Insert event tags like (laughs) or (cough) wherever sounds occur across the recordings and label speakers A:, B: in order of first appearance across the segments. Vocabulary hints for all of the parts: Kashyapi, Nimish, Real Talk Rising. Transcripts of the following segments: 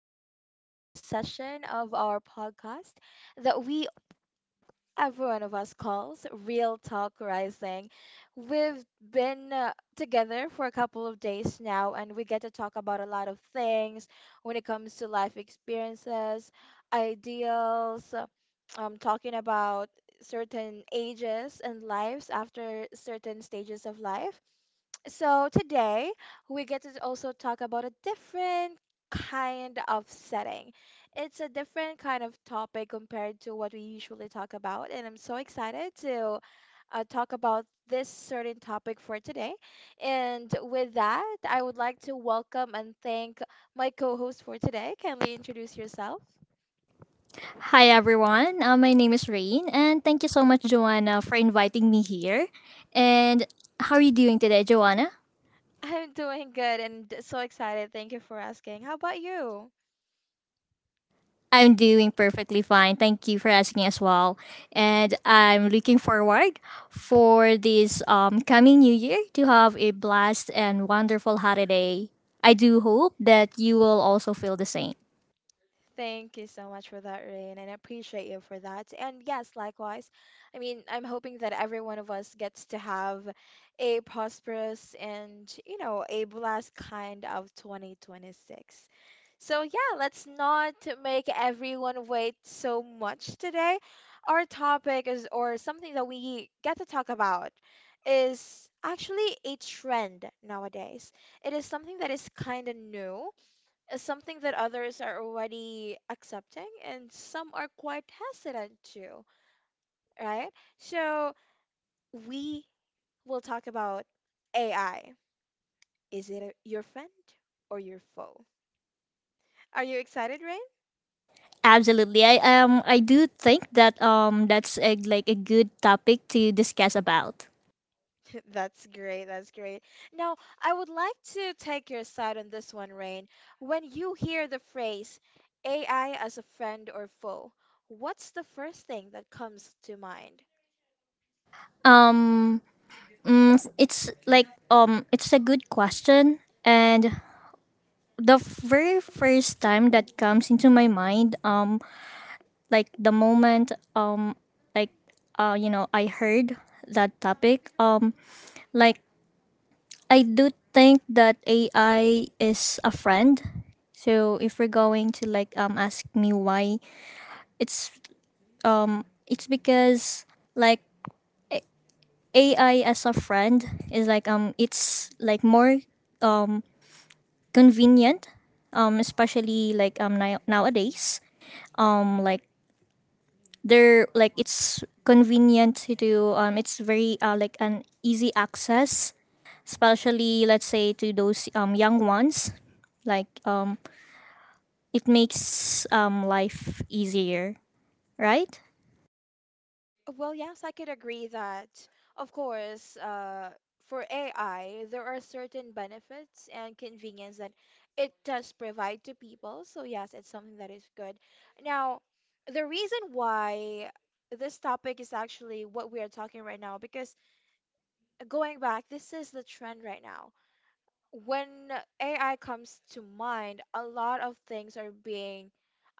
A: welcome to another session of our podcast that we, every one of us, calls Real Talk Rising. We've been together for a couple of days now, and we get to talk about a lot of things when it comes to life experiences, ideals, uh, talking about certain ages and lives after certain stages of life. So today we get to also talk about a different kind of setting. It's a different kind of topic compared to what we usually talk about, and I'm so excited to talk about this certain topic for today. And with that, I would like to welcome and thank my co-host for today. Kindly introduce yourself.
B: Hi everyone, my name is Rain, and thank you so much, Joanna, for inviting me here. And how are you doing today, Joanna?
A: (laughs) I'm doing good and so excited. Thank you for asking. How about you?
B: I'm doing perfectly fine. Thank you for asking as well. And I'm looking forward for this coming new year to have a blast and wonderful holiday. I do hope that you will also feel the same.
A: Thank you so much for that, Rain, and I appreciate you for that. And yes, likewise, I mean, I'm hoping that every one of us gets to have a prosperous and, you know, a blessed kind of 2026. So, yeah, let's not make everyone wait so much today. Our topic is, or something that we get to talk about, is actually a trend nowadays. It is something that is kind of new, is something that others are already accepting and some are quite hesitant to, right? So we will talk about AI. Is it a, your friend or your foe? Are you excited, Rain?
B: Absolutely. I do think that that's a, like a good topic to discuss about.
A: (laughs) That's great. That's great. Now, I would like to take your side on this one, Rain. When you hear the phrase AI as a friend or foe, what's the first thing that comes to mind?
B: Um it's like it's a good question, and the very first time that comes into my mind like the moment like you know I heard that topic like I do think that AI is a friend. So if we're going to like ask me why it's it's because like AI as a friend is like it's like more um convenient, especially like nowadays. Like they're like it's convenient to do. It's very like an easy access, especially let's say to those young ones. Like it makes life easier, right?
A: Well, yes, I could agree that, of course, for AI, there are certain benefits and convenience that it does provide to people. So, yes, it's something that is good. Now, the reason why this topic is actually what we are talking right now, because going back, this is the trend right now. When AI comes to mind, a lot of things are being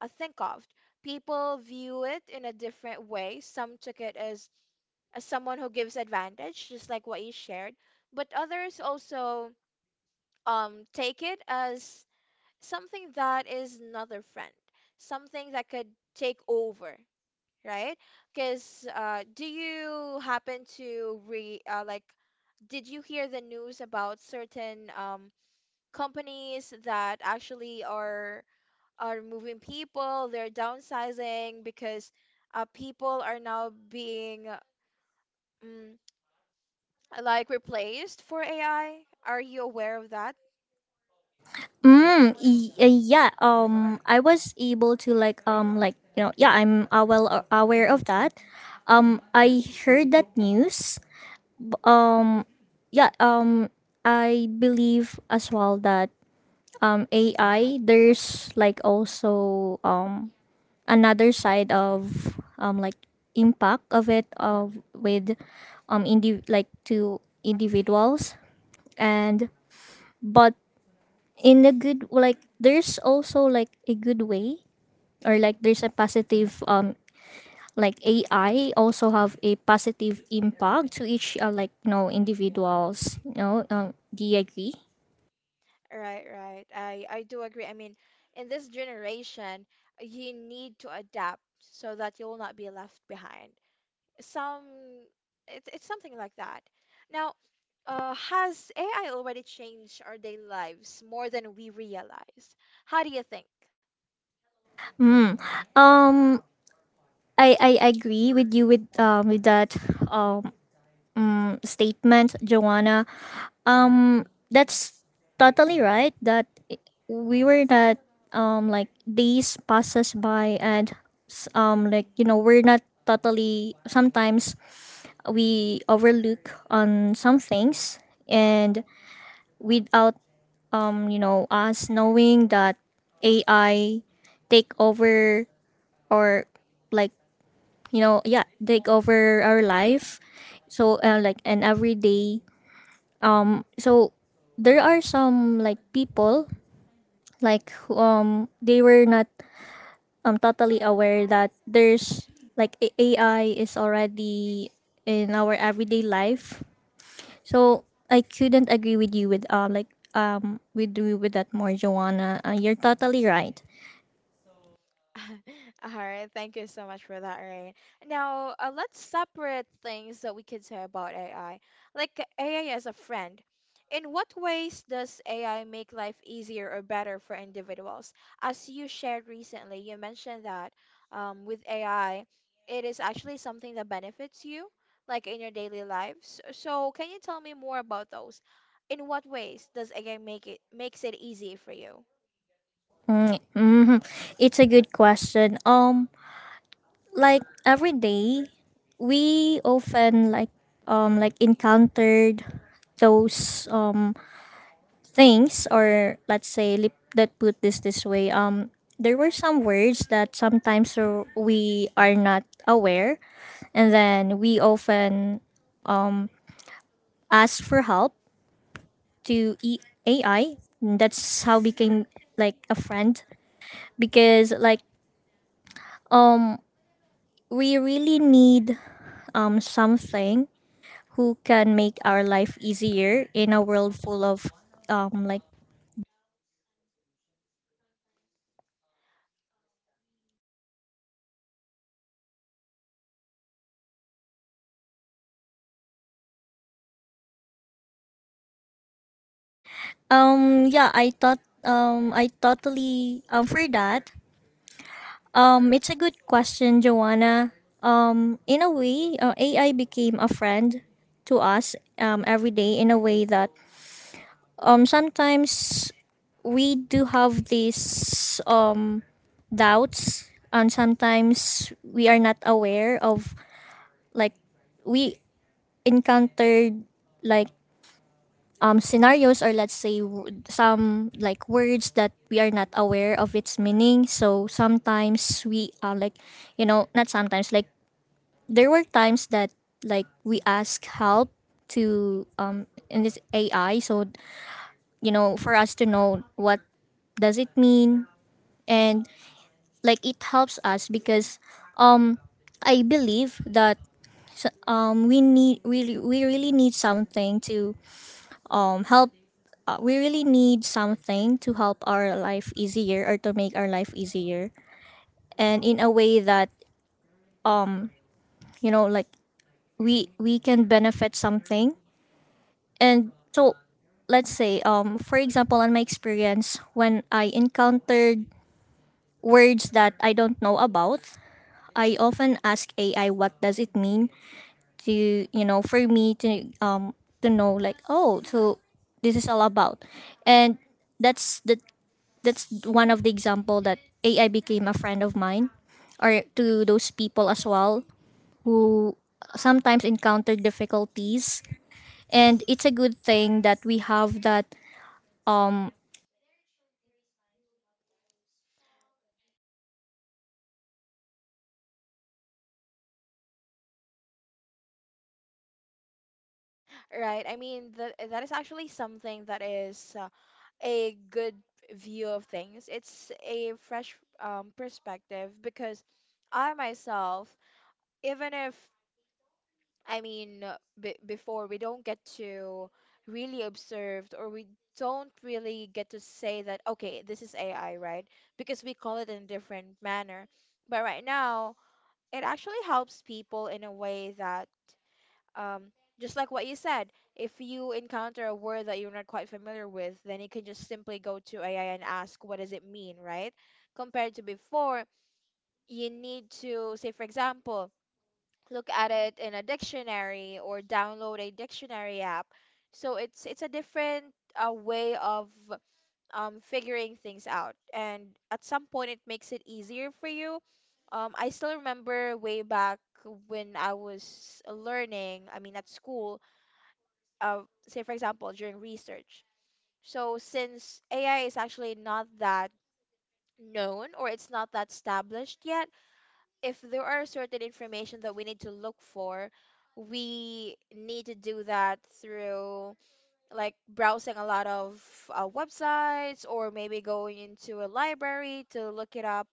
A: think of. People view it in a different way. Some took it as someone who gives advantage, just like what you shared. But others also take it as something that is another friend, something that could take over, right? Because do you happen to re like did you hear the news about certain companies that actually are moving people? They're downsizing because people are now being mm like replaced for AI. Are you aware of that?
B: Yeah. I was able to like you know yeah I'm well aware of that. I heard that news um yeah I believe as well that AI, there's like also another side of like impact of it of with like to individuals, and but in a good, like there's also like a good way, or like there's a positive like AI also have a positive impact to each like you know individuals. You know, do you agree?
A: Right, right. I do agree. I mean, in this generation, you need to adapt so that you'll not be left behind. Some it's something like that. Now, has AI already changed our daily lives more than we realize? How do you think?
B: Mm. Um, I agree with you with that um statement, Joanna. Um, that's totally right. We were not like days passes by and like you know we're not totally, sometimes we overlook on some things, and without you know us knowing that AI take over, or like you know yeah take over our life, so like, and every day, so there are some like people like who, um, they were not totally aware that there's AI is already in our everyday life. So I couldn't agree with you with with you with that more, Joanna. You're totally right.
A: (laughs) All right, thank you so much for that, Ryan. Now, let's separate things that we can say about AI. Like AI as a friend. In what ways does AI make life easier or better for individuals? As you shared recently, you mentioned that with AI, it is actually something that benefits you, like in your daily lives. So, can you tell me more about those? In what ways does AI make it makes it easy for you?
B: Mm, mm-hmm. It's a good question. Like every day, we often like encountered those things, or let's say lip that put this this way. There were some words that sometimes we are not aware, and then we often ask for help to e- AI. That's how became like a friend, because like we really need something who can make our life easier in a world full of like yeah I thought I totally for that. It's a good question, Joanna. Um, in a way AI became a friend to us every day, in a way that sometimes we do have this doubts, and sometimes we are not aware of like we encountered like scenarios, or let's say some like words that we are not aware of its meaning, so sometimes we like you know not sometimes, like there were times that like we ask help to in this AI, so you know for us to know what does it mean, and like it helps us, because I believe that. So, we need we really need something to help we really need something to help our life easier, or to make our life easier, and in a way that you know like we can benefit something. And so let's say for example, in my experience, when I encountered words that I don't know about, I often ask AI what does it mean, to you know for me to know like, oh, so this is all about. And that's the that's one of the example that AI became a friend of mine, or to those people as well who sometimes encounter difficulties. And it's a good thing that we have that, um.
A: Right. I mean, that that is actually something that is a good view of things. It's a fresh perspective because I myself, even if I mean, b before we don't get to really observed or we don't really get to say that, okay, this is AI, right? Because we call it in a different manner. But right now, it actually helps people in a way that um, just like what you said, if you encounter a word that you're not quite familiar with, then you can just simply go to AI and ask, what does it mean, right? Compared to before, you need to, say, for example, look at it in a dictionary or download a dictionary app. So it's a different way of figuring things out, and at some point it makes it easier for you. I still remember way back when I was learning, I mean, at school, uh, say for example during research, so since AI is actually not that known or it's not that established yet, if there are certain information that we need to look for, we need to do that through like browsing a lot of websites or maybe going into a library to look it up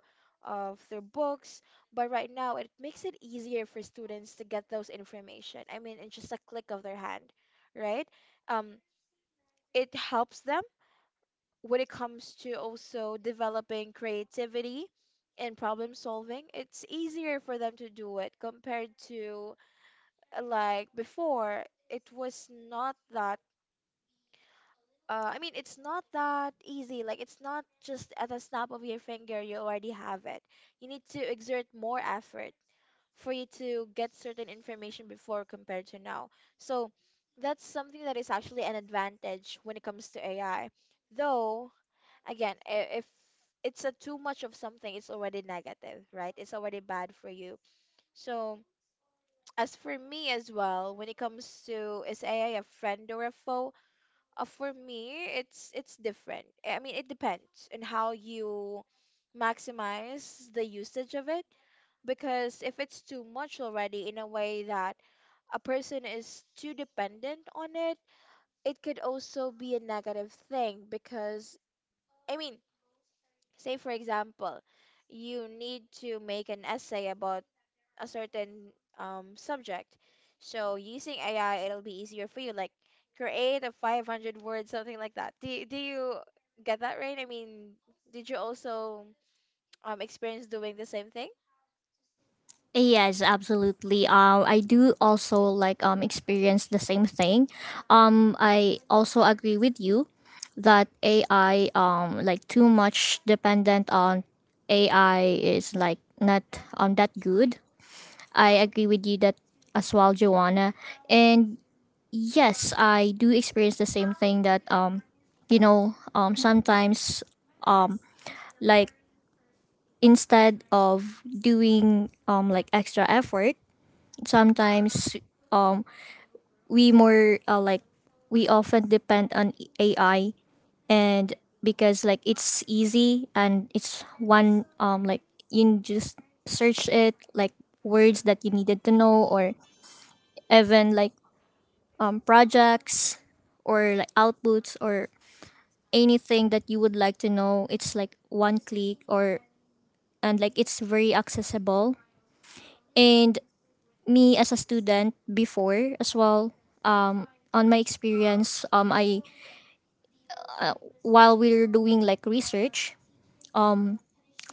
A: through books. But right now it makes it easier for students to get those information, I mean, in just a click of their hand, right? um it helps them when it comes to also developing creativity and problem solving. It's easier for them to do it compared to like before. It was not that. I mean, it's not that easy. Like, it's not just at the snap of your finger, you already have it. You need to exert more effort for you to get certain information before compared to now. So, that's something that is actually an advantage when it comes to AI. Though, again, if it's a too much of something, it's already negative, right? It's already bad for you. So as for me as well, when it comes to is AI a friend or a foe? For me, it's different. I mean, it depends on how you maximize the usage of it. Because if it's too much already in a way that a person is too dependent on it, it could also be a negative thing because I mean, say, for example, you need to make an essay about a certain subject. So, using AI, it'll be easier for you. Like, create a 500 word, something like that. Do, do you get that right? I mean, did you also experience doing the same thing?
B: Yes, absolutely. I do also like experience the same thing. I also agree with you that AI like too much dependent on AI is like not that good. I agree with you that as well, Joanna. And yes, I do experience the same thing that you know sometimes like instead of doing like extra effort, sometimes um we more like we often depend on AI. And because like it's easy, and it's one like you can just search it, like words that you needed to know, or even like projects or like outputs, or anything that you would like to know, it's like one click or, and like it's very accessible. And me as a student before as well, on my experience, I, while we're doing like research,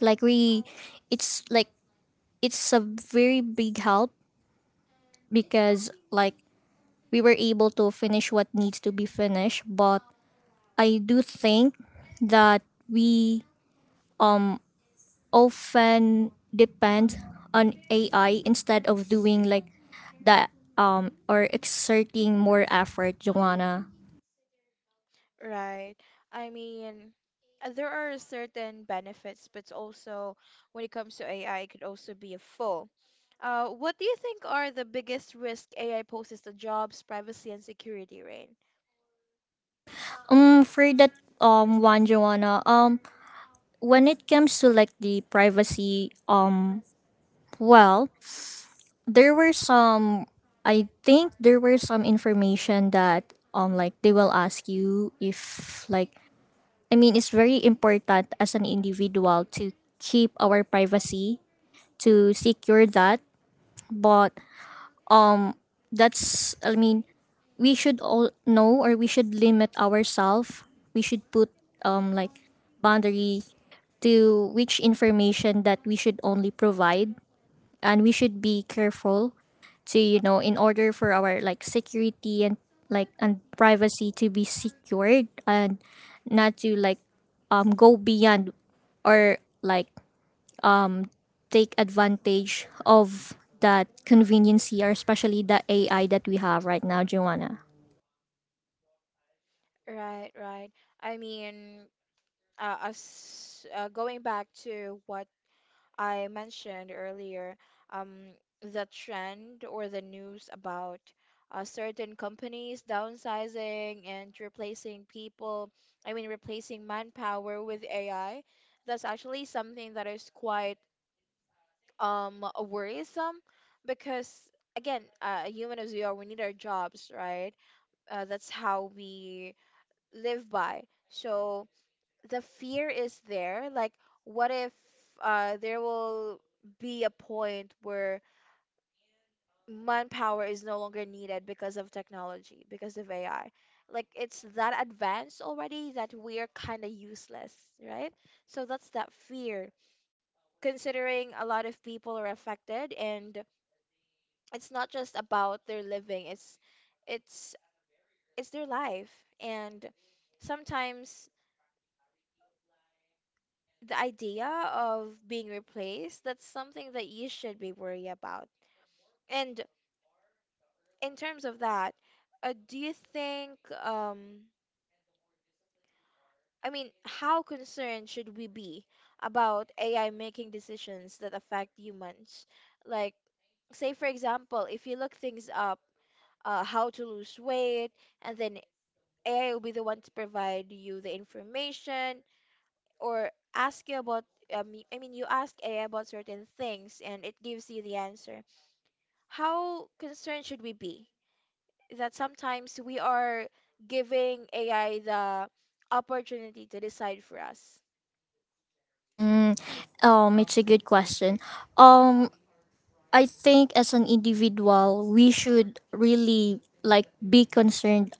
B: like we, it's like it's a very big help, because like we were able to finish what needs to be finished. But I do think that we often depend on AI instead of doing like that or exerting more effort, Joanna.
A: Right. I mean, there are certain benefits, but also when it comes to AI, it could also be a foe. What do you think are the biggest risk AI poses to jobs, privacy, and security, Rain?
B: For that one, Joanna. When it comes to like the privacy, um, well, there were some, I think there were some information that like they will ask you, if like, I mean it's very important as an individual to keep our privacy, to secure that. But that's, I mean, we should all know, or we should limit ourselves, we should put like boundary to which information that we should only provide. And we should be careful to you know, in order for our like security and like and privacy to be secured, and not to like go beyond or like take advantage of that convenience, or especially the AI that we have right now, Joanna?
A: Right, right. I mean, as going back to what I mentioned earlier, um, the trend or the news about certain companies downsizing and replacing people, I mean, replacing manpower with AI, that's actually something that is quite worrisome because, again, human as we are, we need our jobs, right? That's how we live by. So, the fear is there. Like, what if there will be a point where manpower is no longer needed because of technology, because of AI? Like, it's that advanced already that we are kind of useless, right? So that's that fear. Considering a lot of people are affected, and it's not just about their living, it's it's their life. And sometimes the idea of being replaced, that's something that you should be worried about. And in terms of that, do you think, um, I mean, how concerned should we be about AI making decisions that affect humans? Like, say for example, if you look things up, how to lose weight, and then AI will be the one to provide you the information or ask you about, I mean, you ask AI about certain things and it gives you the answer. How concerned should we be that sometimes we are giving AI the opportunity to decide for us?
B: It's a good question. Um, I think as an individual, we should really like be concerned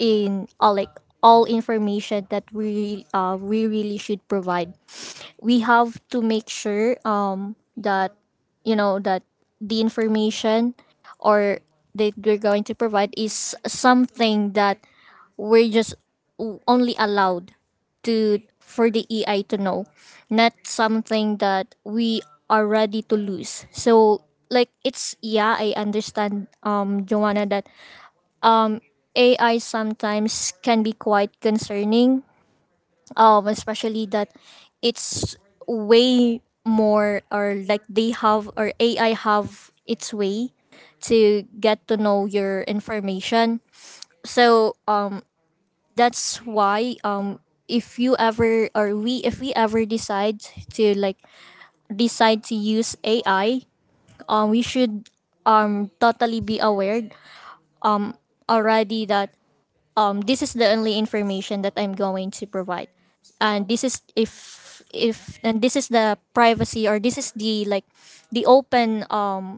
B: in like all information that we really should provide. We have to make sure that you know that the information or that we're going to provide is something that we're just only allowed to for the EI to know, not something that we are ready to lose. So like it's, yeah, I understand Joanna that AI sometimes can be quite concerning, especially that it's way more, or like they have, or AI have its way to get to know your information. So that's why if you ever, or we if we ever decide to decide to use AI, we should totally be aware already that, um, this is the only information that I'm going to provide, and this is if, and this is the privacy, or this is the like the open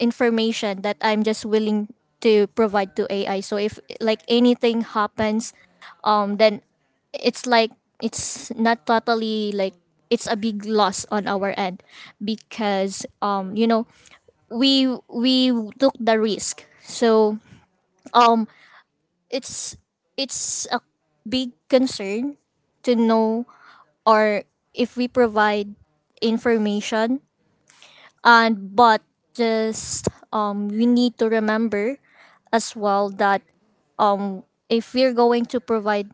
B: information that I'm just willing to provide to AI. So if like anything happens, then it's like it's not totally like it's a big loss on our end, because you know we took the risk. So um it's a big concern to know, or if we provide information, and but just we need to remember as well that if we're going to provide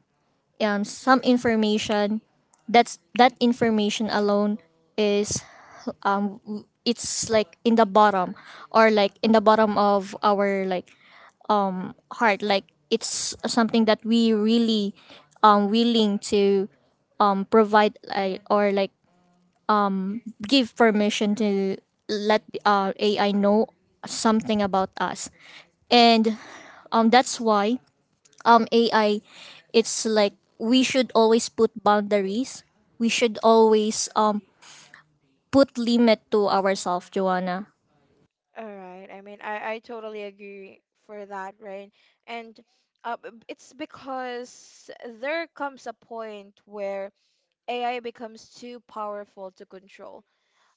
B: some information, that's, that information alone is, it's like in the bottom, or like in the bottom of our like hard, like it's something that we really willing to provide like, or like give permission to let AI know something about us. And that's why AI, it's like we should always put boundaries, we should always put limit to ourselves, Joanna.
A: All right. I mean, I totally agree for that, right? And it's because there comes a point where AI becomes too powerful to control.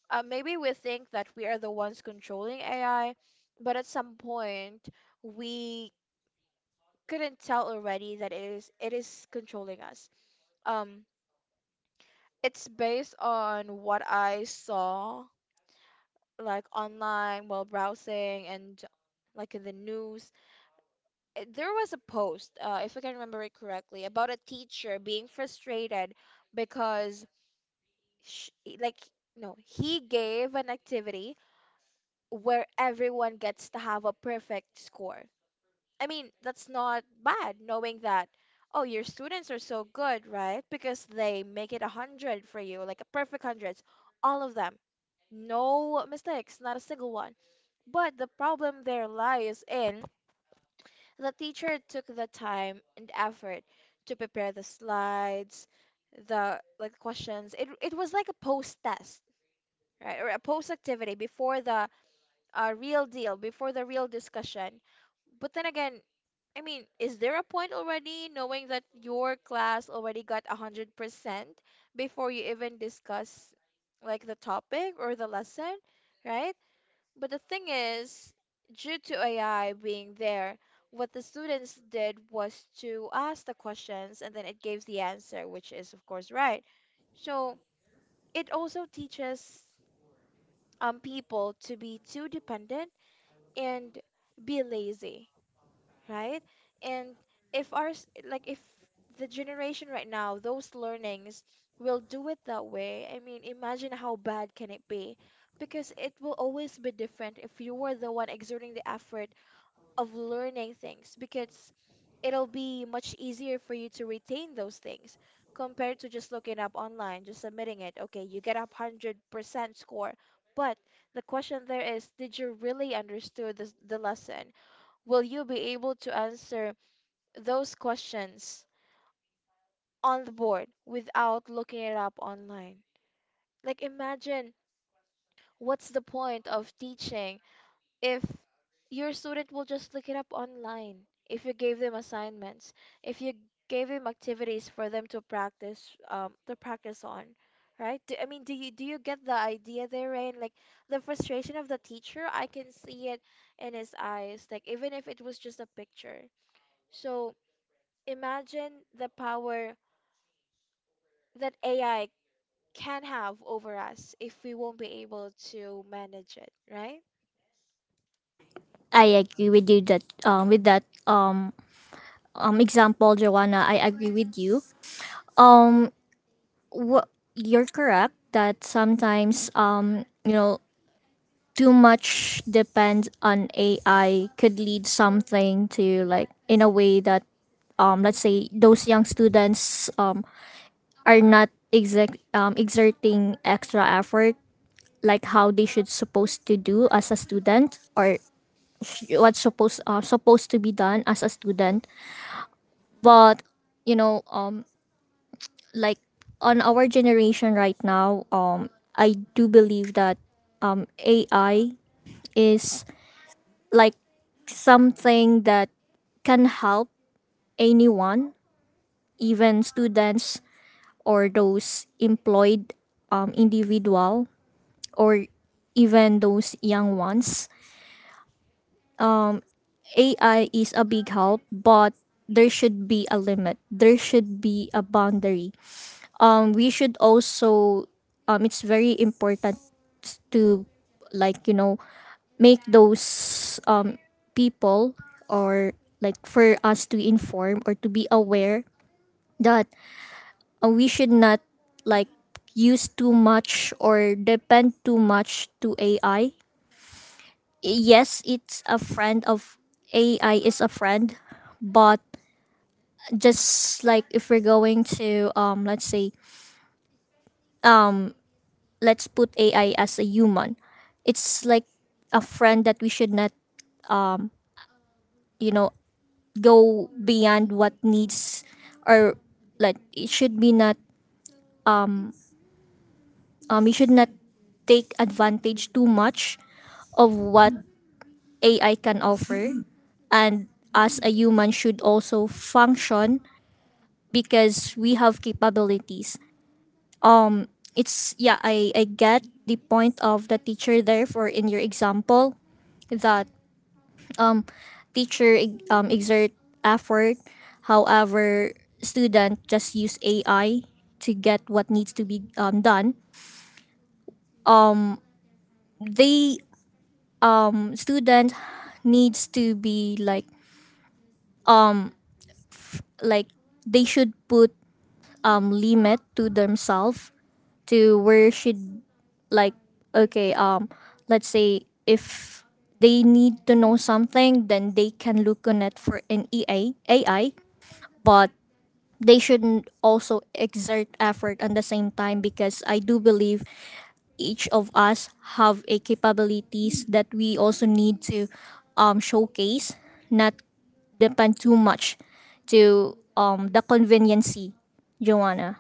A: Maybe we think that we are the ones controlling AI, but at some point we couldn't tell already that it is controlling us. Um, it's based on what I saw, like online while browsing and like in the news. There was a post, if I can remember it correctly, about a teacher being frustrated because, sh like, no, he gave an activity where everyone gets to have a perfect score. I mean, that's not bad, knowing that, oh, your students are so good, right? Because they make it a hundred for you, like a perfect hundreds, all of them. No mistakes, not a single one. But the problem there lies in the teacher took the time and effort to prepare the slides, the like questions. It was like a post test, right? Or a post activity before the real deal, before the real discussion. But then again, I mean, is there a point already knowing that your class already got 100% before you even discuss like the topic or the lesson, right? But the thing is, due to AI being there, what the students did was to ask the questions and then it gives the answer, which is of course right. So it also teaches people to be too dependent and be lazy, right? And if like if the generation right now, those learnings will do it that way, I mean, imagine how bad can it be? Because it will always be different if you were the one exerting the effort of learning things, because it'll be much easier for you to retain those things compared to just looking up online, just submitting it. Okay, you get a 100% score, but the question there is, did you really understood this, the lesson? Will you be able to answer those questions on the board without looking it up online. Like, imagine what's the point of teaching if your student will just look it up online, if you gave them assignments, if you gave them activities for them to practice, to practice on. Right? I mean, do you get the idea there, Rain? Like the frustration of the teacher, I can see it in his eyes. Like, even if it was just a picture. So imagine the power that AI can have over us if we won't be able to manage it, right?
B: I agree with you that with that example, Joanna. I agree with you, um. Well, you're correct that sometimes, you know, too much depends on AI could lead something to like in a way that, let's say those young students are not exact exerting extra effort like how they should supposed to do as a student, or what's supposed to be done as a student. But you know like on our generation right now I do believe that AI is like something that can help anyone, even students, or those employed individual, or even those young ones. AI is a big help, but there should be a limit, there should be a boundary. Um, we should also um, it's very important to like you know make those people, or like for us to inform or to be aware that we should not like use too much or depend too much to AI. Yes, it's a friend of AI is a friend, but just like if we're going to let's say let's put AI as a human, it's like a friend that we should not you know go beyond what needs, or like it should be not, you should not take advantage too much of what AI can offer, and us a human should also function because we have capabilities. It's yeah, I get the point of the teacher there for in your example, that teacher, exert effort, however student just use ai to get what needs to be done. They, student needs to be like, like they should put limit to themselves, to where should, like, okay, let's say if they need to know something, then they can look on it for an EA AI. But they shouldn't also exert effort at the same time, because I do believe each of us have a capabilities that we also need to showcase, not depend too much to the conveniency, Joanna.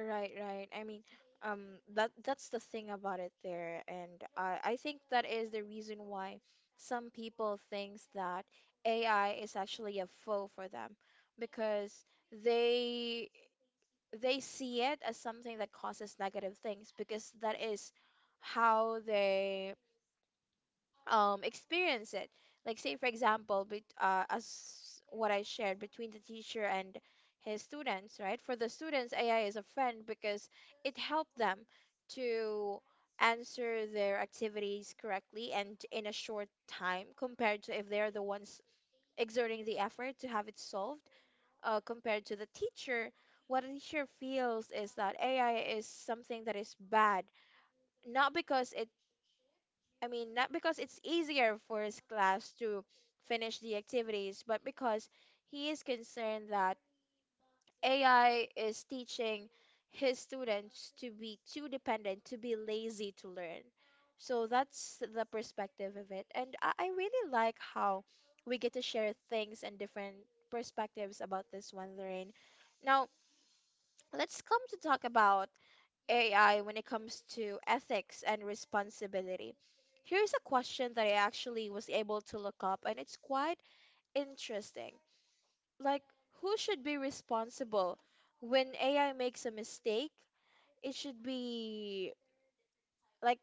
A: Right, right. I mean, that's the thing about it there, and I think that is the reason why some people thinks that AI is actually a foe for them because they they see it as something that causes negative things, because that is how they experience it. Like, say, for example, as what I shared between the teacher and his students, right? For the students, ai is a friend because it helped them to answer their activities correctly and in a short time compared to if they're the ones exerting the effort to have it solved, compared to the teacher. What a teacher feels is that ai is something that is bad, not because it I mean, not because it's easier for his class to finish the activities, but because he is concerned that AI is teaching his students to be too dependent, to be lazy to learn. So that's the perspective of it. And I really like how we get to share things and different perspectives about this one, Lorraine. Now, let's come to talk about AI when it comes to ethics and responsibility. Here's a question that I actually was able to look up, and it's quite interesting. Like, who should be responsible when AI makes a mistake? It should be, like,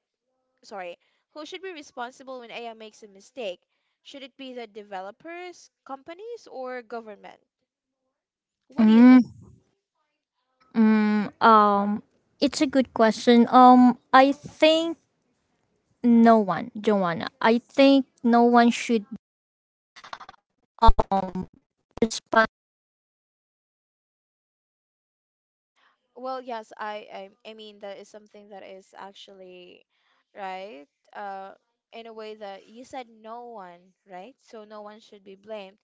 A: sorry, who should be responsible when AI makes a mistake? Should it be the developers, companies, or government? What do you
B: Mm,
A: think?
B: mm, um, it's a good question. I think no one, Joanna. I think no one should respond.
A: Well, yes, I mean that is something that is actually right, uh, in a way that you said no one, right? So no one should be blamed.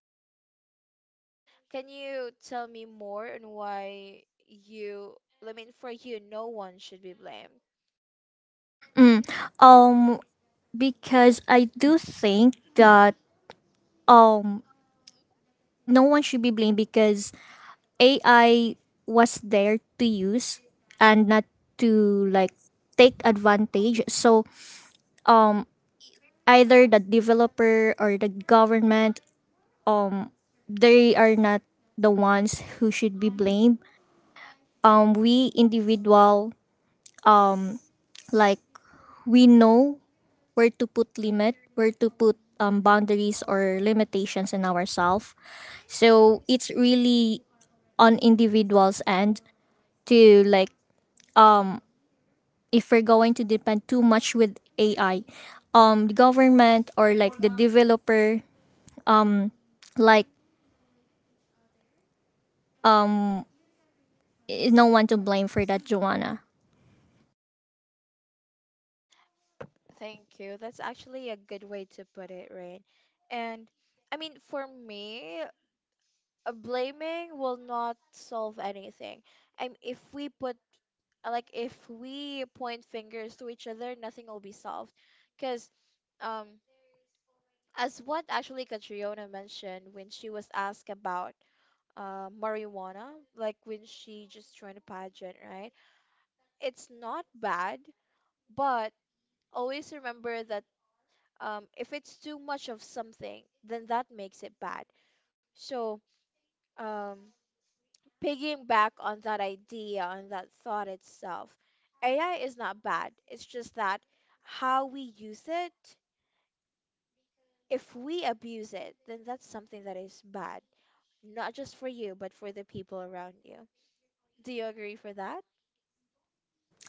A: Can you tell me more on I mean, for you, no one should be blamed?
B: Mm, um, because I do think that um no one should be blamed, because AI was there to use and not to like take advantage. So um either the developer or the government, um they are not the ones who should be blamed. We individual, like, we know where to put limit, where to put boundaries or limitations in ourselves. So it's really on individuals' end to like, if we're going to depend too much with AI, the government or like the developer, like, is no one to blame for that, Joanna.
A: Thank you. That's actually a good way to put it, right? And I mean, for me, blaming will not solve anything. And if we put like, if we point fingers to each other, nothing will be solved. Because, um, as what actually Catriona mentioned when she was asked about, marijuana, like when she just joined a pageant, right? It's not bad, but always remember that, if it's too much of something, then that makes it bad. So, um, piggying back on that idea, on that thought itself, AI is not bad. It's just that how we use it; if we abuse it, then that's something that is bad. Not just for you, but for the people around you. Do you agree for that?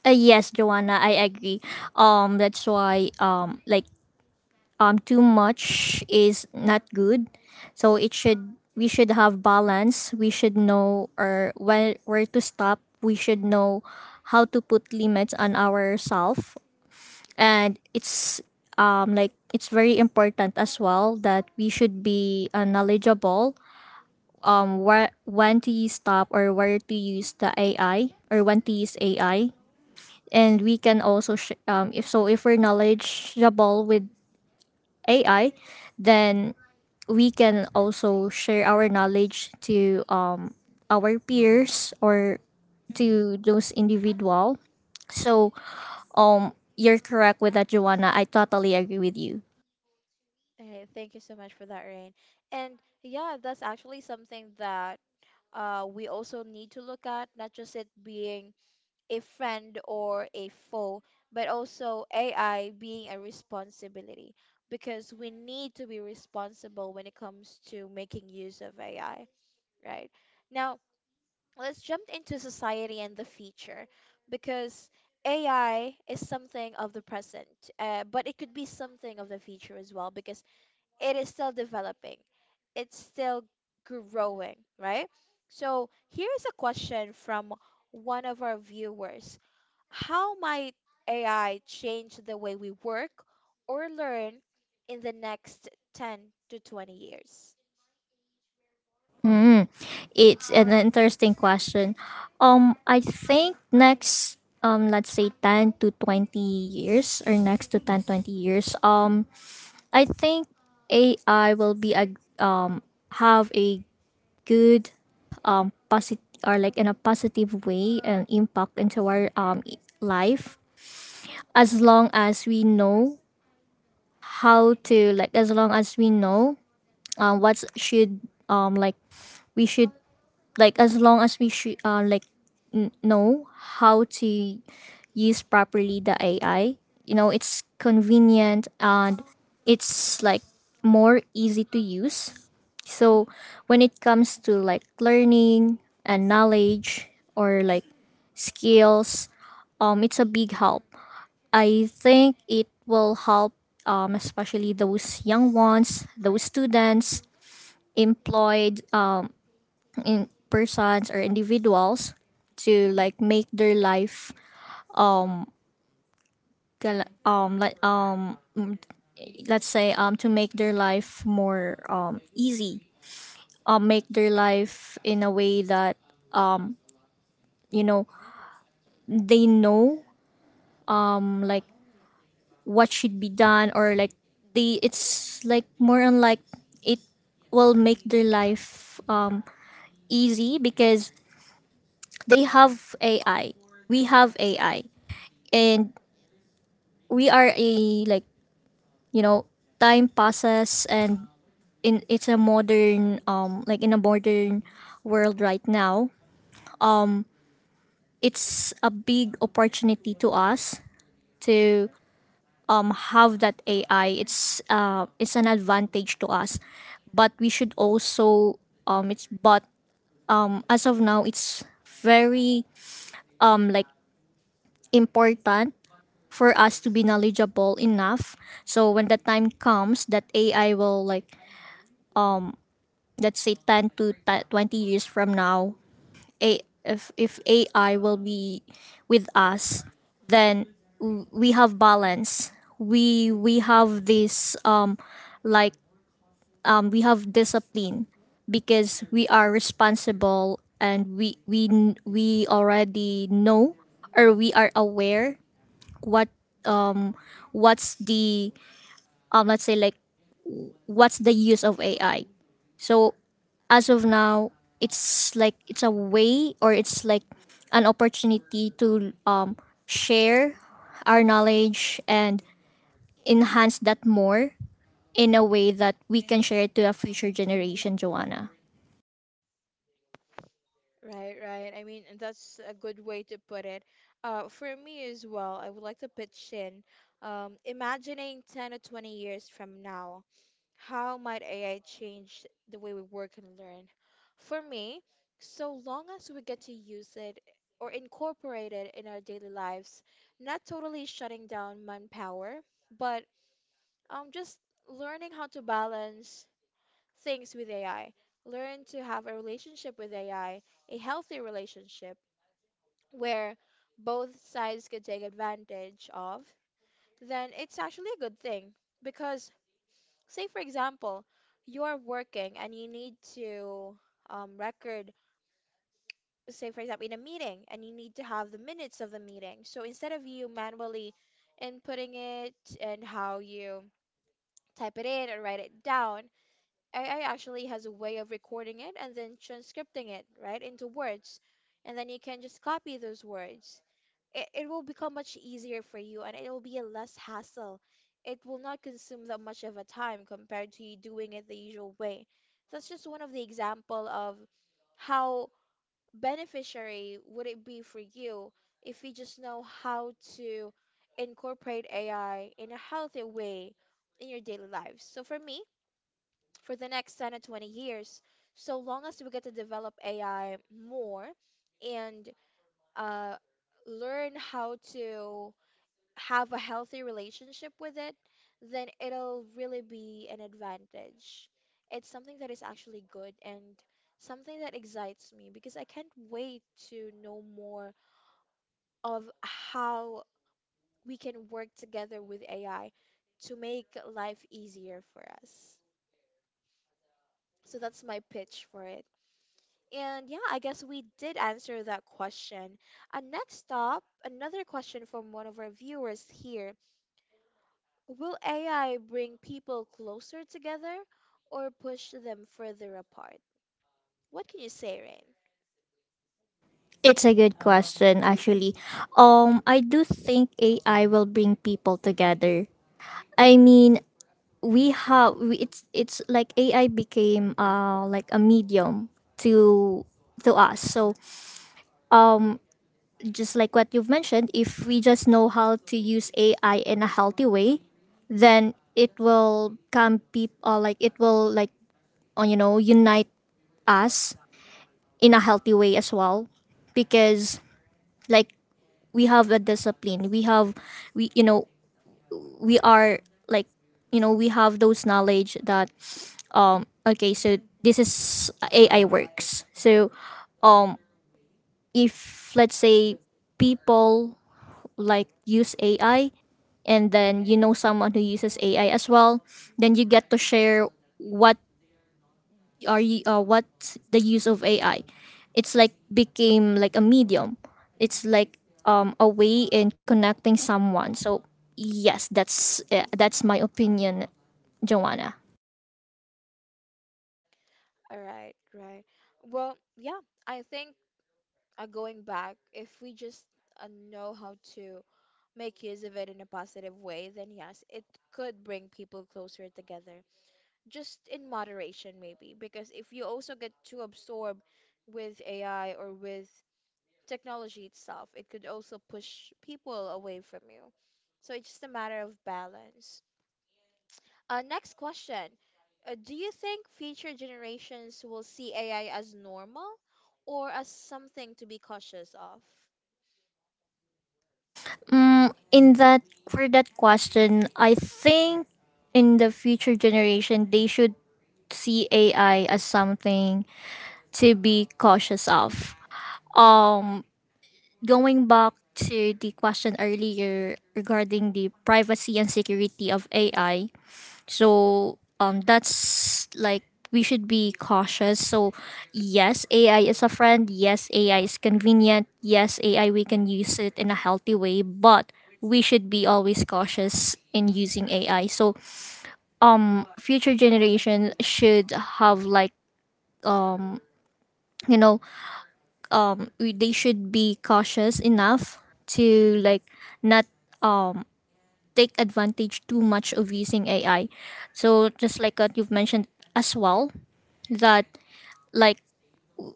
B: Yes, Joanna, I agree. That's why like, too much is not good. So it should, we should have balance. We should know or where to stop. We should know how to put limits on ourselves, and it's, like, it's very important as well that we should be knowledgeable where, when to use stop, or where to use the AI or when to use AI. And we can also if, so if we're knowledgeable with AI, then we can also share our knowledge to our peers, or
A: Mm-hmm.
B: to those individual. So you're correct with that, Joanna. I totally agree with you.
A: Okay, thank you so much for that, Rain. And yeah, that's actually something that, we also need to look at, not just it being a friend or a foe, but also AI being a responsibility, because we need to be responsible when it comes to making use of AI, right? Now, let's jump into society and the future, because AI is something of the present, but it could be something of the future as well, because it is still developing, it's still growing, right? So, here's a question from one of our viewers. How might AI change the way we work or learn in the next 10 to 20 years?
B: Mm, it's an interesting question. I think next, let's say 10 to 20 years, or next to 10, 20 years, I think AI will be a, um have a good, positive, or like in a positive way, an impact into our life, as long as we know how to, like, as long as we know what should, like we should, like as long as we should like know how to use properly the ai. You know, it's convenient and it's like more easy to use. So when it comes to like learning and knowledge, or like skills, it's a big help. I think it will help, especially those young ones, those students, employed in persons or individuals, to like make their life like let's say, to make their life more easy, make their life in a way that, you know, they know, like what should be done, or like, they, it's like more on like, it will make their life easy, because they have AI, we have AI. And we are a like, you know, time passes, and in, it's a modern, like in a modern world right now, it's a big opportunity to us to have that ai. It's it's an advantage to us. But we should also, it's, but as of now it's very like important for us to be knowledgeable enough, so when the time comes that ai will, like let's say 10 to 20 years from now, a if AI will be with us, then we have balance. We have this like, we have discipline because we are responsible, and we we already know, or we are aware what, what's the, let's say, like what's the use of AI. So as of now, it's like it's a way, or it's like an opportunity to share our knowledge and enhance that more, in a way that we can share it to a future generation, Joanna.
A: Right, right. I mean, that's a good way to put it. For me as well, I would like to pitch in, imagining 10 or 20 years from now, how might AI change the way we work and learn? For me, so long as we get to use it or incorporate it in our daily lives, not totally shutting down manpower, but just learning how to balance things with AI, learn to have a relationship with AI, a healthy relationship where both sides can take advantage of, then it's actually a good thing. Because, say, for example, you're working and you need to, record, say, for example, in a meeting, and you need to have the minutes of the meeting. So instead of you manually inputting it and how you type it in or write it down, AI actually has a way of recording it and then transcripting it, right, into words. And then you can just copy those words. It will become much easier for you and it will be a less hassle. It will not consume that much of a time compared to you doing it the usual way. That's just one of the example of how beneficiary would it be for you if you just know how to incorporate AI in a healthy way in your daily lives. So for me, for the next 10 to 20 years, so long as we get to develop ai more and, uh, learn how to have a healthy relationship with it, then it'll really be an advantage. It's something that is actually good, and something that excites me because I can't wait to know more of how we can work together with ai to make life easier for us. So that's my pitch for it. And yeah, I guess we did answer that question. And next up, another question from one of our viewers here. Will AI bring people closer together or push them further apart? What can you say, Rain?
B: It's a good question actually. I do think AI will bring people together. I mean, it's like AI became like a medium to to us. So just like what you've mentioned, if we just know how to use AI in a healthy way, then it will come people like it will, like, you know, unite us in a healthy way as well. Because, like, we have a discipline, we have, we, you know, we are, like, you know, we have those knowledge that, okay, so this is AI works. So um if let's say people like use AI, and then you know someone who uses AI as well, then you get to share what are you, what's the use of AI. It's like became like a medium. It's like a way in connecting someone. So yes, that's my opinion, Joanna.
A: All right, right. Well, yeah, I think, going back, if we just, know how to make use of it in a positive way, then yes, it could bring people closer together, just in moderation maybe, because if you also get too absorbed with AI or with technology itself, it could also push people away from you. So it's just a matter of balance. Next question. Do you think future generations will see AI as normal or as something to be cautious of?
B: In that, for that question, I think in the future generation they should see AI as something to be cautious of. um Going back to the question earlier regarding the privacy and security of AI. So that's like we should be cautious. So yes, AI is a friend. Yes, AI is convenient. Yes, AI we can use it in a healthy way, but we should be always cautious in using AI. So future generation should have like, you know, they should be cautious enough to like not um take advantage too much of using AI. So just like what you've mentioned as well, that like,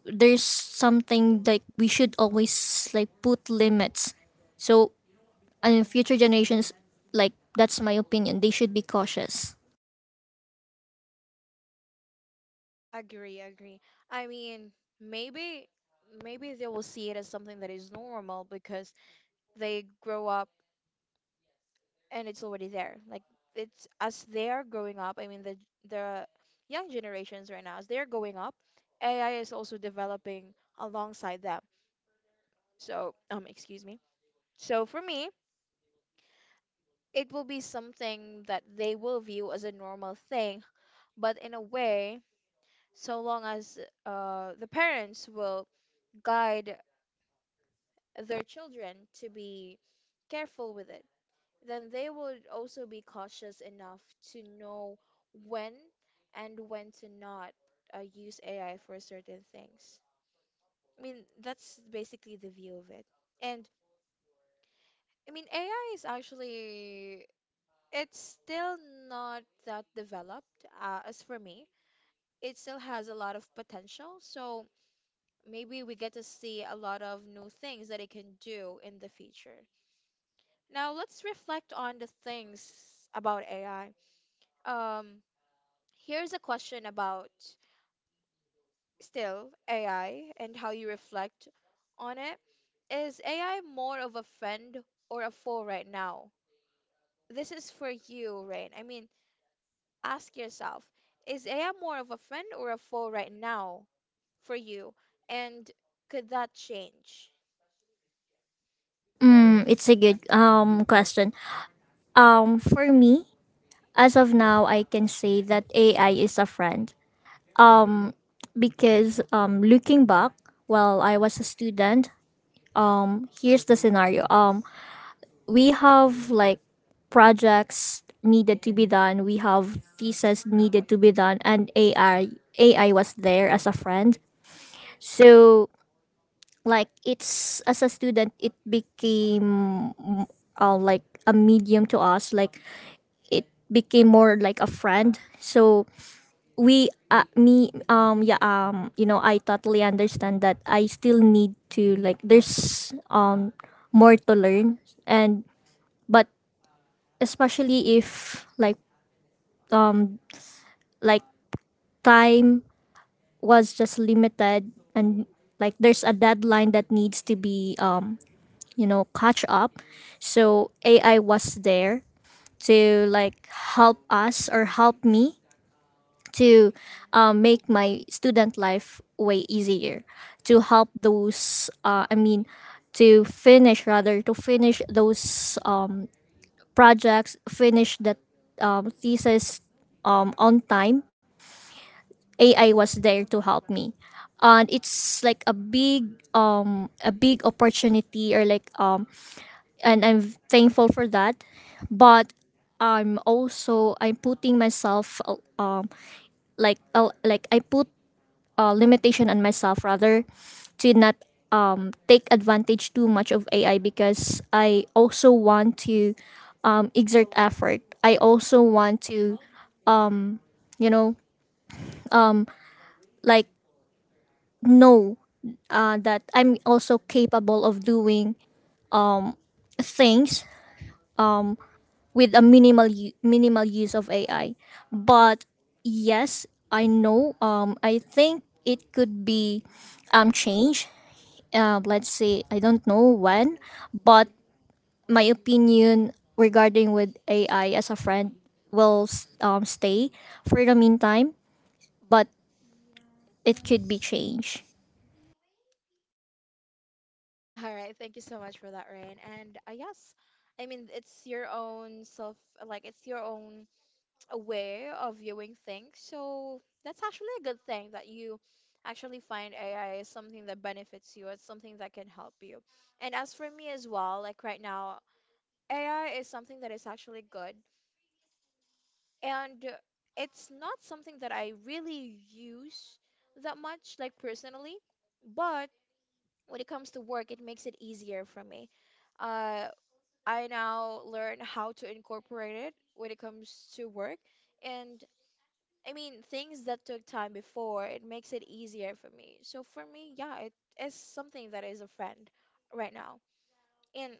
B: there's something like we should always, like, put limits. So, and in future generations, like, that's my opinion, they should be cautious.
A: Agree, agree. I mean, maybe maybe they will see it as something that is normal because they grow up and it's already there. Like, it's as they are growing up. I mean, the young generations right now, as they are growing up, AI is also developing alongside them. So, excuse me. So for me, it will be something that they will view as a normal thing, but in a way, so long as, the parents will guide their children to be careful with it, then they would also be cautious enough to know when and when to not, use AI for certain things. I mean, that's basically the view of it. And I mean, AI is actually, it's still not that developed. As for me, it still has a lot of potential. So maybe we get to see a lot of new things that it can do in the future. Now, let's reflect on the things about AI. Um, Here's a question about still AI and how you reflect on it. Is AI more of a friend or a foe right now? This is for you, Rain. I mean, ask yourself, is AI more of a friend or a foe right now for you? And could that change?
B: It's a good question. For me as of now, I can say that AI is a friend, because looking back while I was a student, here's the scenario. We have like projects needed to be done. We have thesis needed to be done, and AI was there as a friend. So like, it's as a student, it became like a medium to us. Like, it became more like a friend. So we me yeah, you know, I totally understand that I still need to like, there's more to learn, and but especially if like, um like time was just limited, and like there's a deadline that needs to be, you know, catch up. So ai was there to like help us or help me to make my student life way easier, to help those, to finish, rather to finish those projects, finish that thesis on time. Ai was there to help me. And it's like a big, a big opportunity, or like, and I'm thankful for that. But I'm also, I'm putting myself like, I put limitation on myself, rather, to not take advantage too much of AI, because I also want to exert effort. I also want to, you know, like, know that I'm also capable of doing things with a minimal use of AI. But yes, I know. I think it could be changed. Let's say I don't know when, but my opinion regarding with AI as a friend will stay for the meantime, but it could be changed.
A: All right, thank you so much for that, Rain. And, yes, I mean, it's your own self, like, it's your own aware of viewing things. So that's actually a good thing that you actually find AI is something that benefits you. It's something that can help you. And as for me as well, like right now, AI is something that is actually good. And it's not something that I really use that much, like personally. But when it comes to work, it makes it easier for me. Uh, I now learn how to incorporate it when it comes to work. And I mean, things that took time before, it makes it easier for me. So for me, yeah, it is something that is a friend right now. And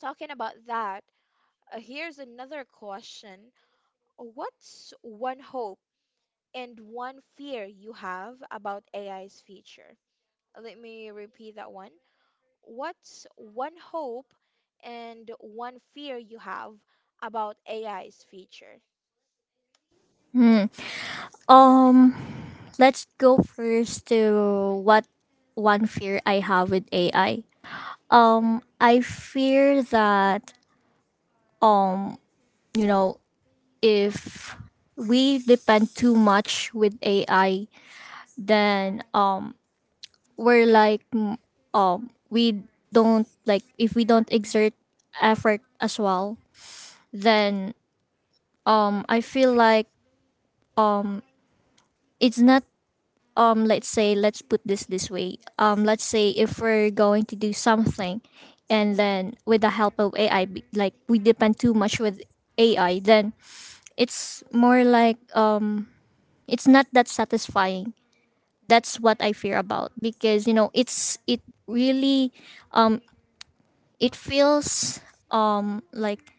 A: talking about that, here's another question. What's one hope and one fear you have about AI's future? Let me repeat that one. What's one hope and one fear you have about AI's future?
B: Hmm. Um, let's go first to what one fear I have with AI. I fear that, you know, if we depend too much with AI, then we're like, we don't, like if we don't exert effort as well, then I feel like it's not, let's say, let's put this way, let's say if we're going to do something, and then with the help of ai like we depend too much with ai, then it's more like, it's not that satisfying. That's what I fear about, because you know, it's, it really, it feels like,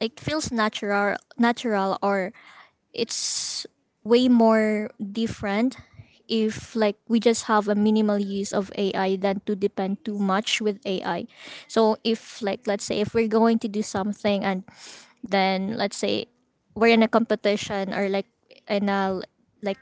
B: it feels natural, or it's way more different if like we just have a minimal use of AI, than to depend too much with AI. So if like, let's say if we're going to do something, and then let's say we're in a competition, or like in a like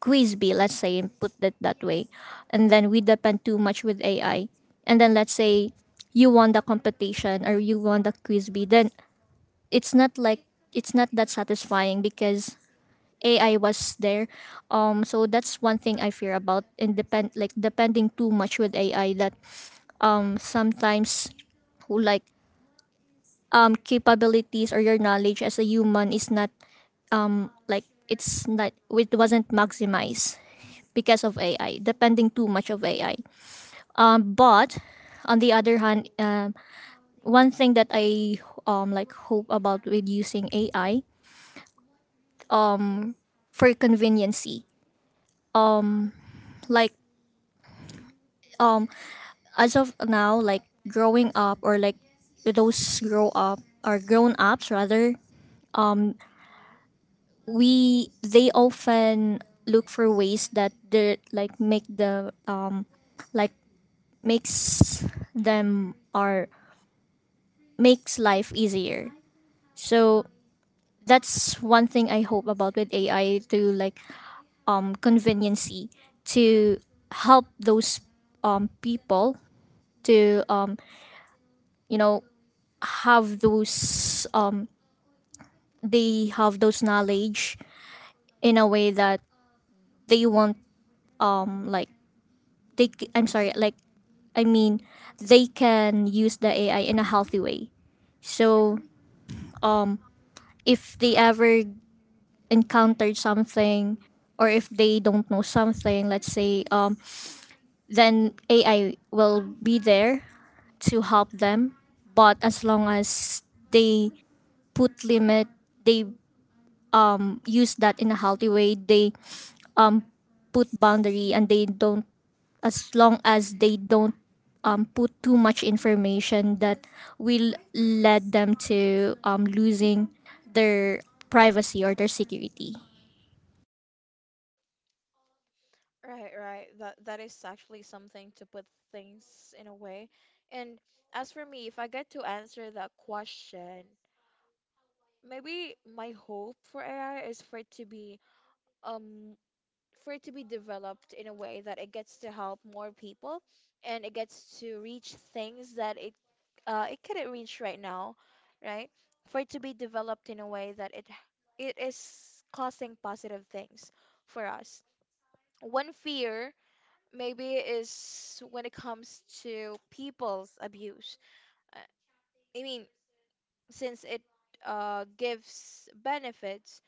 B: quiz bee, let's say, put it that way. And then we depend too much with AI. And then let's say you won the competition or you won the quiz bee, then it's not like, it's not that satisfying, because AI was there. So that's one thing I fear about independ like depending too much with AI. That sometimes like Capabilities or your knowledge as a human is not like it's not it wasn't maximized because of AI, depending too much of AI. But on the other hand, one thing that I hope about with using AI for conveniency, like um, as of now, growing up, or like those grow up or grown ups rather, we they often look for ways that they make the like makes them or makes life easier. So that's one thing I hope about with AI, to conveniency, to help those people to you know have those they have those knowledge in a way that they want, um like I'm sorry, I mean, they can use the AI in a healthy way. So if they ever encountered something, or if they don't know something, let's say, then AI will be there to help them, but as long as they put limit, they use that in a healthy way, they put boundary, and they don't, as long as they don't put too much information that will lead them to losing their privacy or their security.
A: Right, right. That is actually something to put things in a way. And as for me, if I get to answer that question, maybe my hope for AI is um for it to be developed in a way that it gets to help more people, and it gets to reach things that it couldn't reach right now, right? For it to be developed in a way that it is causing positive things for us. One fear maybe is when it comes to people's abuse. Uh, I mean, since it gives benefits,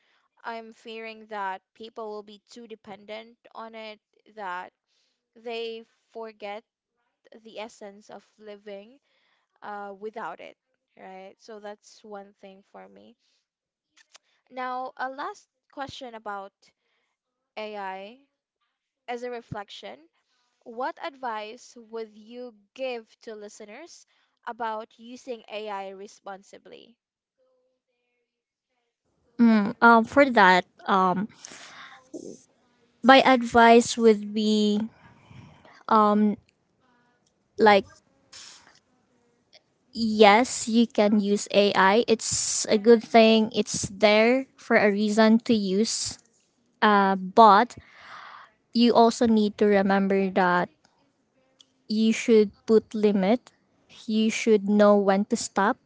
A: I'm fearing that people will be too dependent on it, that they forget the essence of living without it, right? So that's one thing for me. Now, a last question about AI as a reflection. What advice would you give to listeners about using AI responsibly?
B: Mm, for that, my advice would be, like, yes, you can use AI. It's a good thing, it's there for a reason to use. But you also need to remember that you should put limit. You should know when to stop.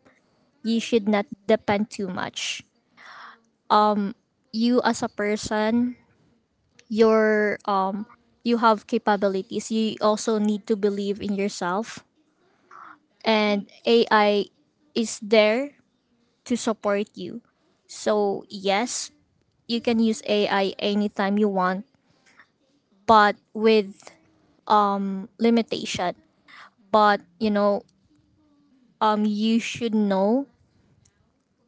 B: You should not depend too much. You as a person, your um you have capabilities. You also need to believe in yourself, and AI is there to support you. So, yes, you can use AI anytime you want, but with limitation. But, you know, you should know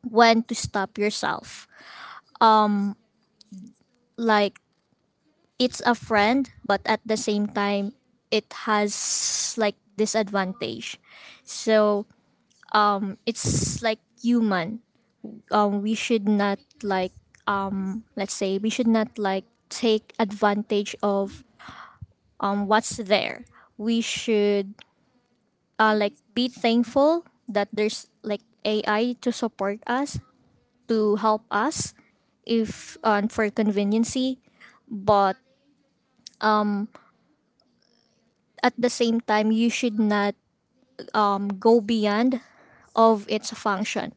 B: when to stop yourself. Like, it's a friend, but at the same time, it has like disadvantage. So it's like human. We should not let's say, we should not like take advantage of what's there. We should like be thankful that there's like AI to support us, to help us, if for conveniency, but at the same time you should not go beyond of its function.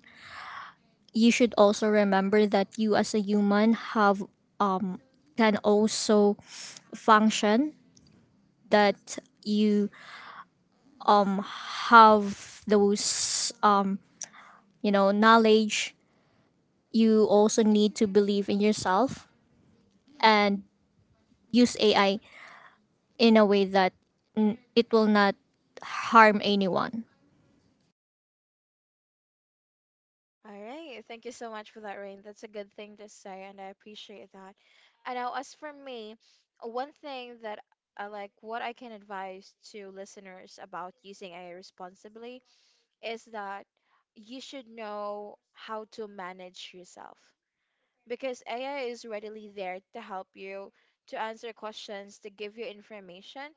B: You should also remember that you as a human have, can also function, that you um have those knowledge. You also need to believe in yourself and use AI in a way that, mm, it will not harm anyone.
A: All right, thank you so much for that, Rain. That's a good thing to say, and I appreciate that. And now, as for me, one thing that what I can advise to listeners about using AI responsibly is that you should know how to manage yourself, because AI is readily there to help you, to answer questions, to give you information.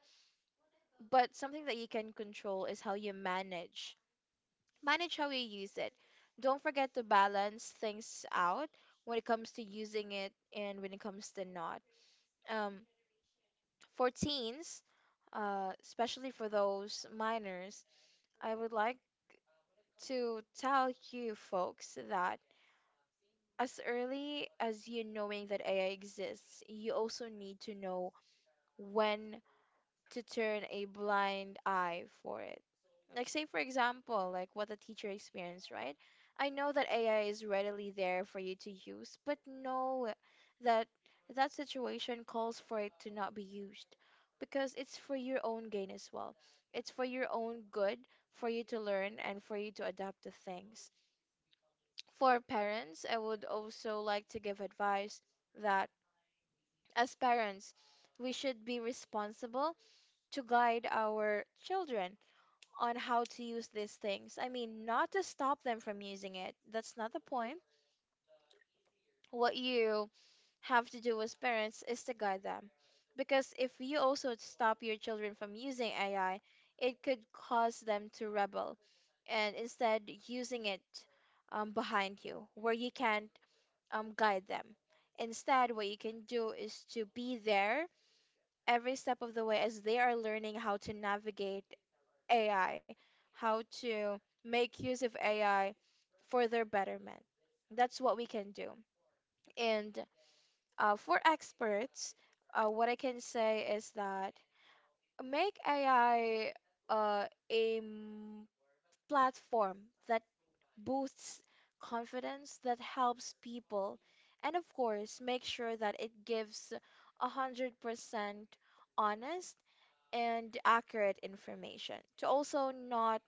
A: But something that you can control is how you manage. Manage how you use it. Don't forget to balance things out when it comes to using it and when it comes to not. Um, for teens, especially for those minors, I would like to tell you folks that as early as you knowing that AI exists, you also need to know when to turn a blind eye for it. Like, say, for example, like what the teacher experienced, right? I know that AI is readily there for you to use, but know that that situation calls for it to not be used because it's for your own gain as well. It's for your own good, for you to learn and for you to adapt to things. For parents, I would also like to give advice that as parents, we should be responsible to guide our children on how to use these things. I mean, not to stop them from using it. That's not the point. What you have to do as parents is to guide them. Because if you also stop your children from using AI, it could cause them to rebel and instead using it behind you, where you can't guide them. Instead, what you can do is to be there every step of the way as they are learning how to navigate AI, how to make use of AI for their betterment. That's what we can do. And for experts, what I can say is that make AI uh, a m- platform that boosts confidence, that helps people, and of course, make sure that it gives 100% honest and accurate information to also not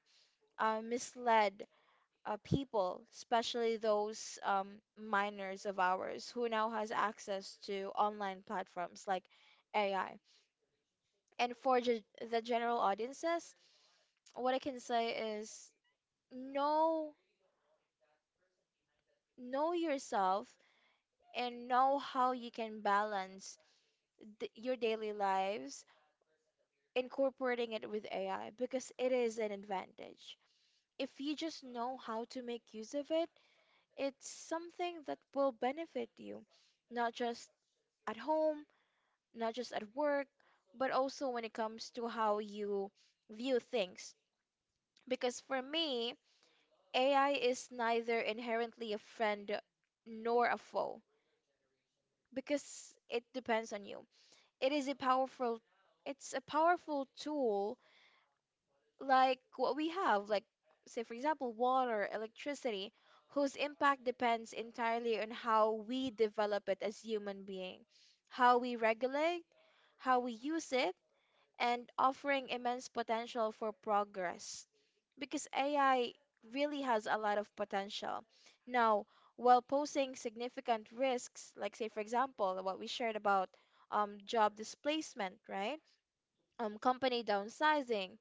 A: misled people, especially those minors of ours who now has access to online platforms like AI. And for the general audiences, what I can say is know know yourself and know how you can balance your daily lives incorporating it with AI because it is an advantage. If you just know how to make use of it, it's something that will benefit you, not just at home, not just at work, but also when it comes to how you view things. Because for me, AI is neither inherently a friend nor a foe because it depends on you. It is a powerful it's a powerful tool like what we have, like, say, for example, water, electricity, whose impact depends entirely on how we develop it as human being, how we regulate, how we use it, and offering immense potential for progress. Because AI really has a lot of potential. Now, while posing significant risks, like, say, for example, what we shared about job displacement, right? Company downsizing,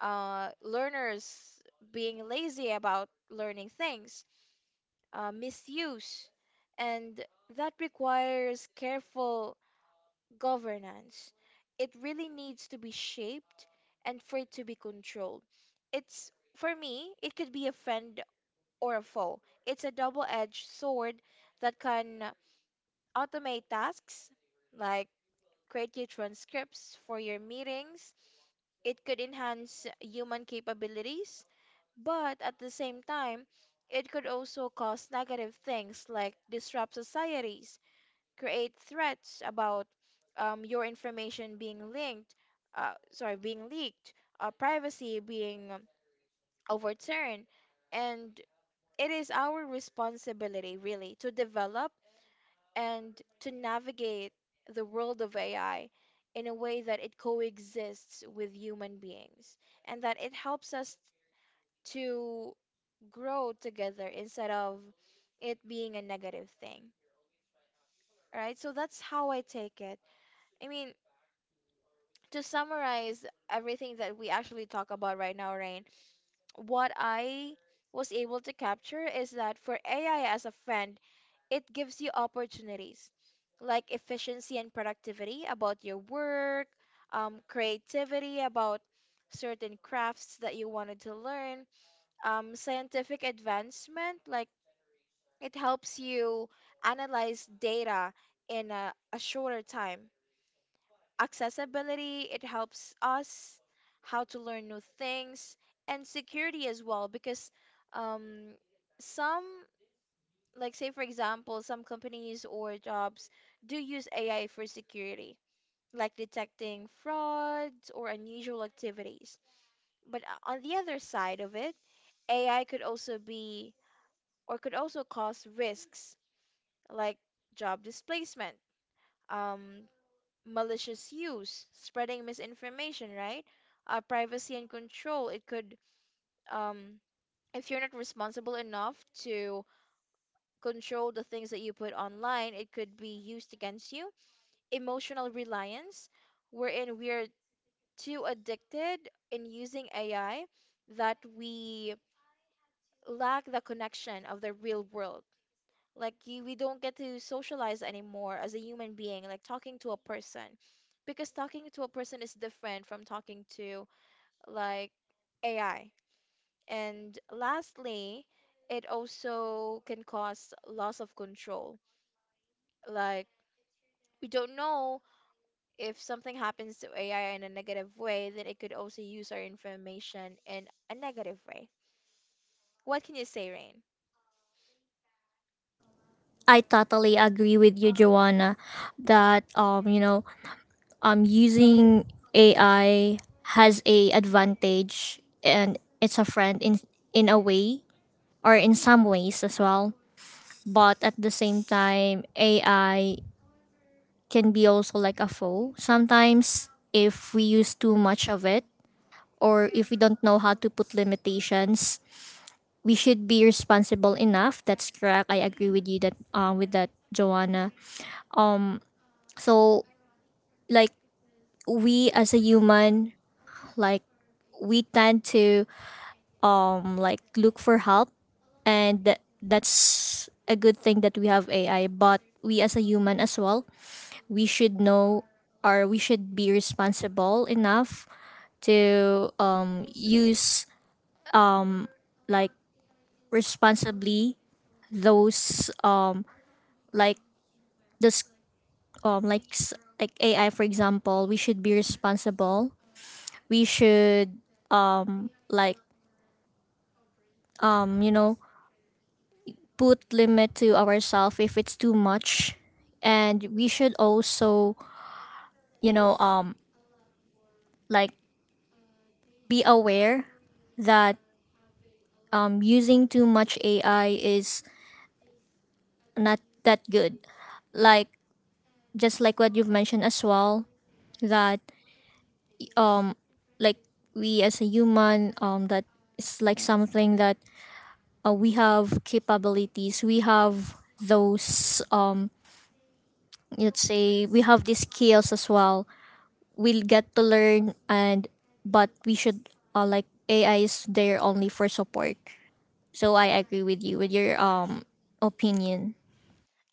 A: learners being lazy about learning things, misuse, and that requires careful governance. It really needs to be shaped and for it to be controlled. It's for me, it could be a friend or a foe. It's a double-edged sword that can automate tasks like create your transcripts for your meetings. It could enhance human capabilities, but at the same time, it could also cause negative things like disrupt societies, create threats about your information being linked, sorry, being leaked, privacy being overturned. And it is our responsibility, really, to develop and to navigate the world of AI in a way that it coexists with human beings and that it helps us to grow together instead of it being a negative thing, right? So that's how I take it. I mean, to summarize everything that we actually talk about right now, Rain, what I was able to capture is that for AI as a friend, it gives you opportunities like efficiency and productivity about your work, creativity about certain crafts that you wanted to learn, scientific advancement like it helps you analyze data in a shorter time. Accessibility, it helps us how to learn new things, and security as well because um, some, like say for example, some companies or jobs do use AI for security, like detecting frauds or unusual activities. But on the other side of it, AI could also be or could also cause risks like job displacement, um, malicious use, spreading misinformation, right? Privacy and control. It could, um, if you're not responsible enough to control the things that you put online, it could be used against you. Emotional reliance, wherein we are too addicted in using AI that we lack the connection of the real world. Like you, we don't get to socialize anymore as a human being, like talking to a person. Because talking to a person is different from talking to like AI. And lastly, it also can cause loss of control. Like we don't know if something happens to AI in a negative way, then it could also use our information in a negative way. What can you say, Rain?
B: I totally agree with you, Joanna, that using AI has a advantage and it's a friend in a way, or in some ways as well. But at the same time, AI can be also like a foe. Sometimes if we use too much of it, or if we don't know how to put limitations, we should be responsible enough. That's correct. I agree with you that with that, Joanna. So, like we as a human, like we tend to like look for help, and that's a good thing that we have AI, but we as a human as well, we should know, or we should be responsible enough, to use, like responsibly, those like this like s- like AI, for example. We should be responsible, we should, like um you know put limit to ourselves if it's too much, and we should also, you know um like be aware that using too much AI is not that good. Like, just like what you've mentioned as well, that, like we as a human, that is like something that, we have capabilities, we have those, let's say, we have these skills as well, we'll get to learn, and but we should, like, AI is there only for support. So I agree with you with your opinion.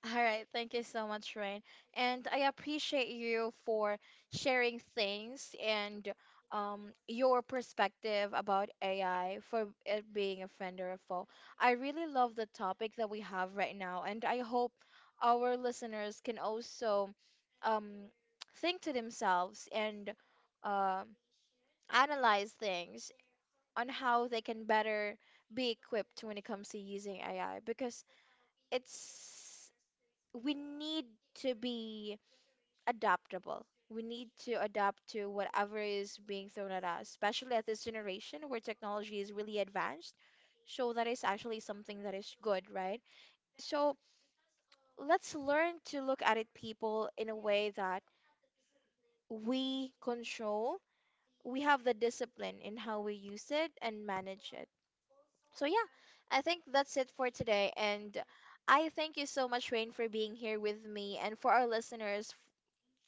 A: All right, thank you so much, Rain. And I appreciate you for sharing things and your perspective about AI for it being a friend or a foe. I really love the topic that we have right now, and I hope our listeners can also um, think to themselves and um analyze things on how they can better be equipped when it comes to using AI because it's we need to be adaptable. We need to adapt to whatever is being thrown at us, especially at this generation where technology is really advanced. So that is actually something that is good, right? So let's learn to look at it, people, in a way that we control. We have the discipline in how we use it and manage it. So yeah, I think that's it for today. And I thank you so much, Rain, for being here with me and for our listeners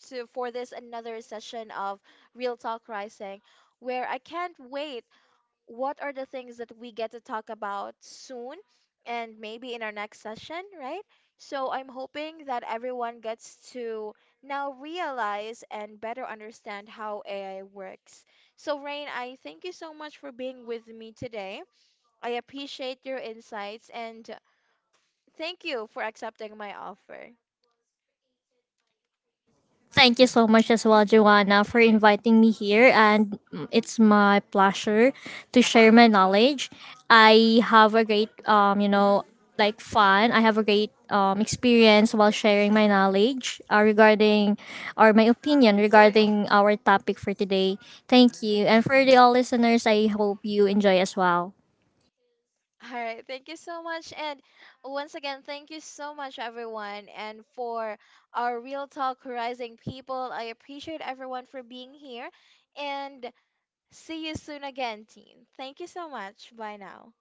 A: f- to for this another session of Real Talk Rising, where I can't wait. What are the things that we get to talk about soon and maybe in our next session, right? So I'm hoping that everyone gets to now realize and better understand how AI works. So Rain, I thank you so much for being with me today. I appreciate your insights and thank you for accepting my offer.
B: Thank you so much as well, Joanna, for inviting me here, and mm, it's my pleasure to share my knowledge. I have a great fun. I have a great experience while sharing my knowledge, regarding, or my opinion regarding our topic for today. Thank you, and for the all listeners, I hope you enjoy as well.
A: (laughs) All right, thank you so much. And once again, thank you so much, everyone. And for our Real Talk Rising people, I appreciate everyone for being here. And see you soon again, team. Thank you so much. Bye now.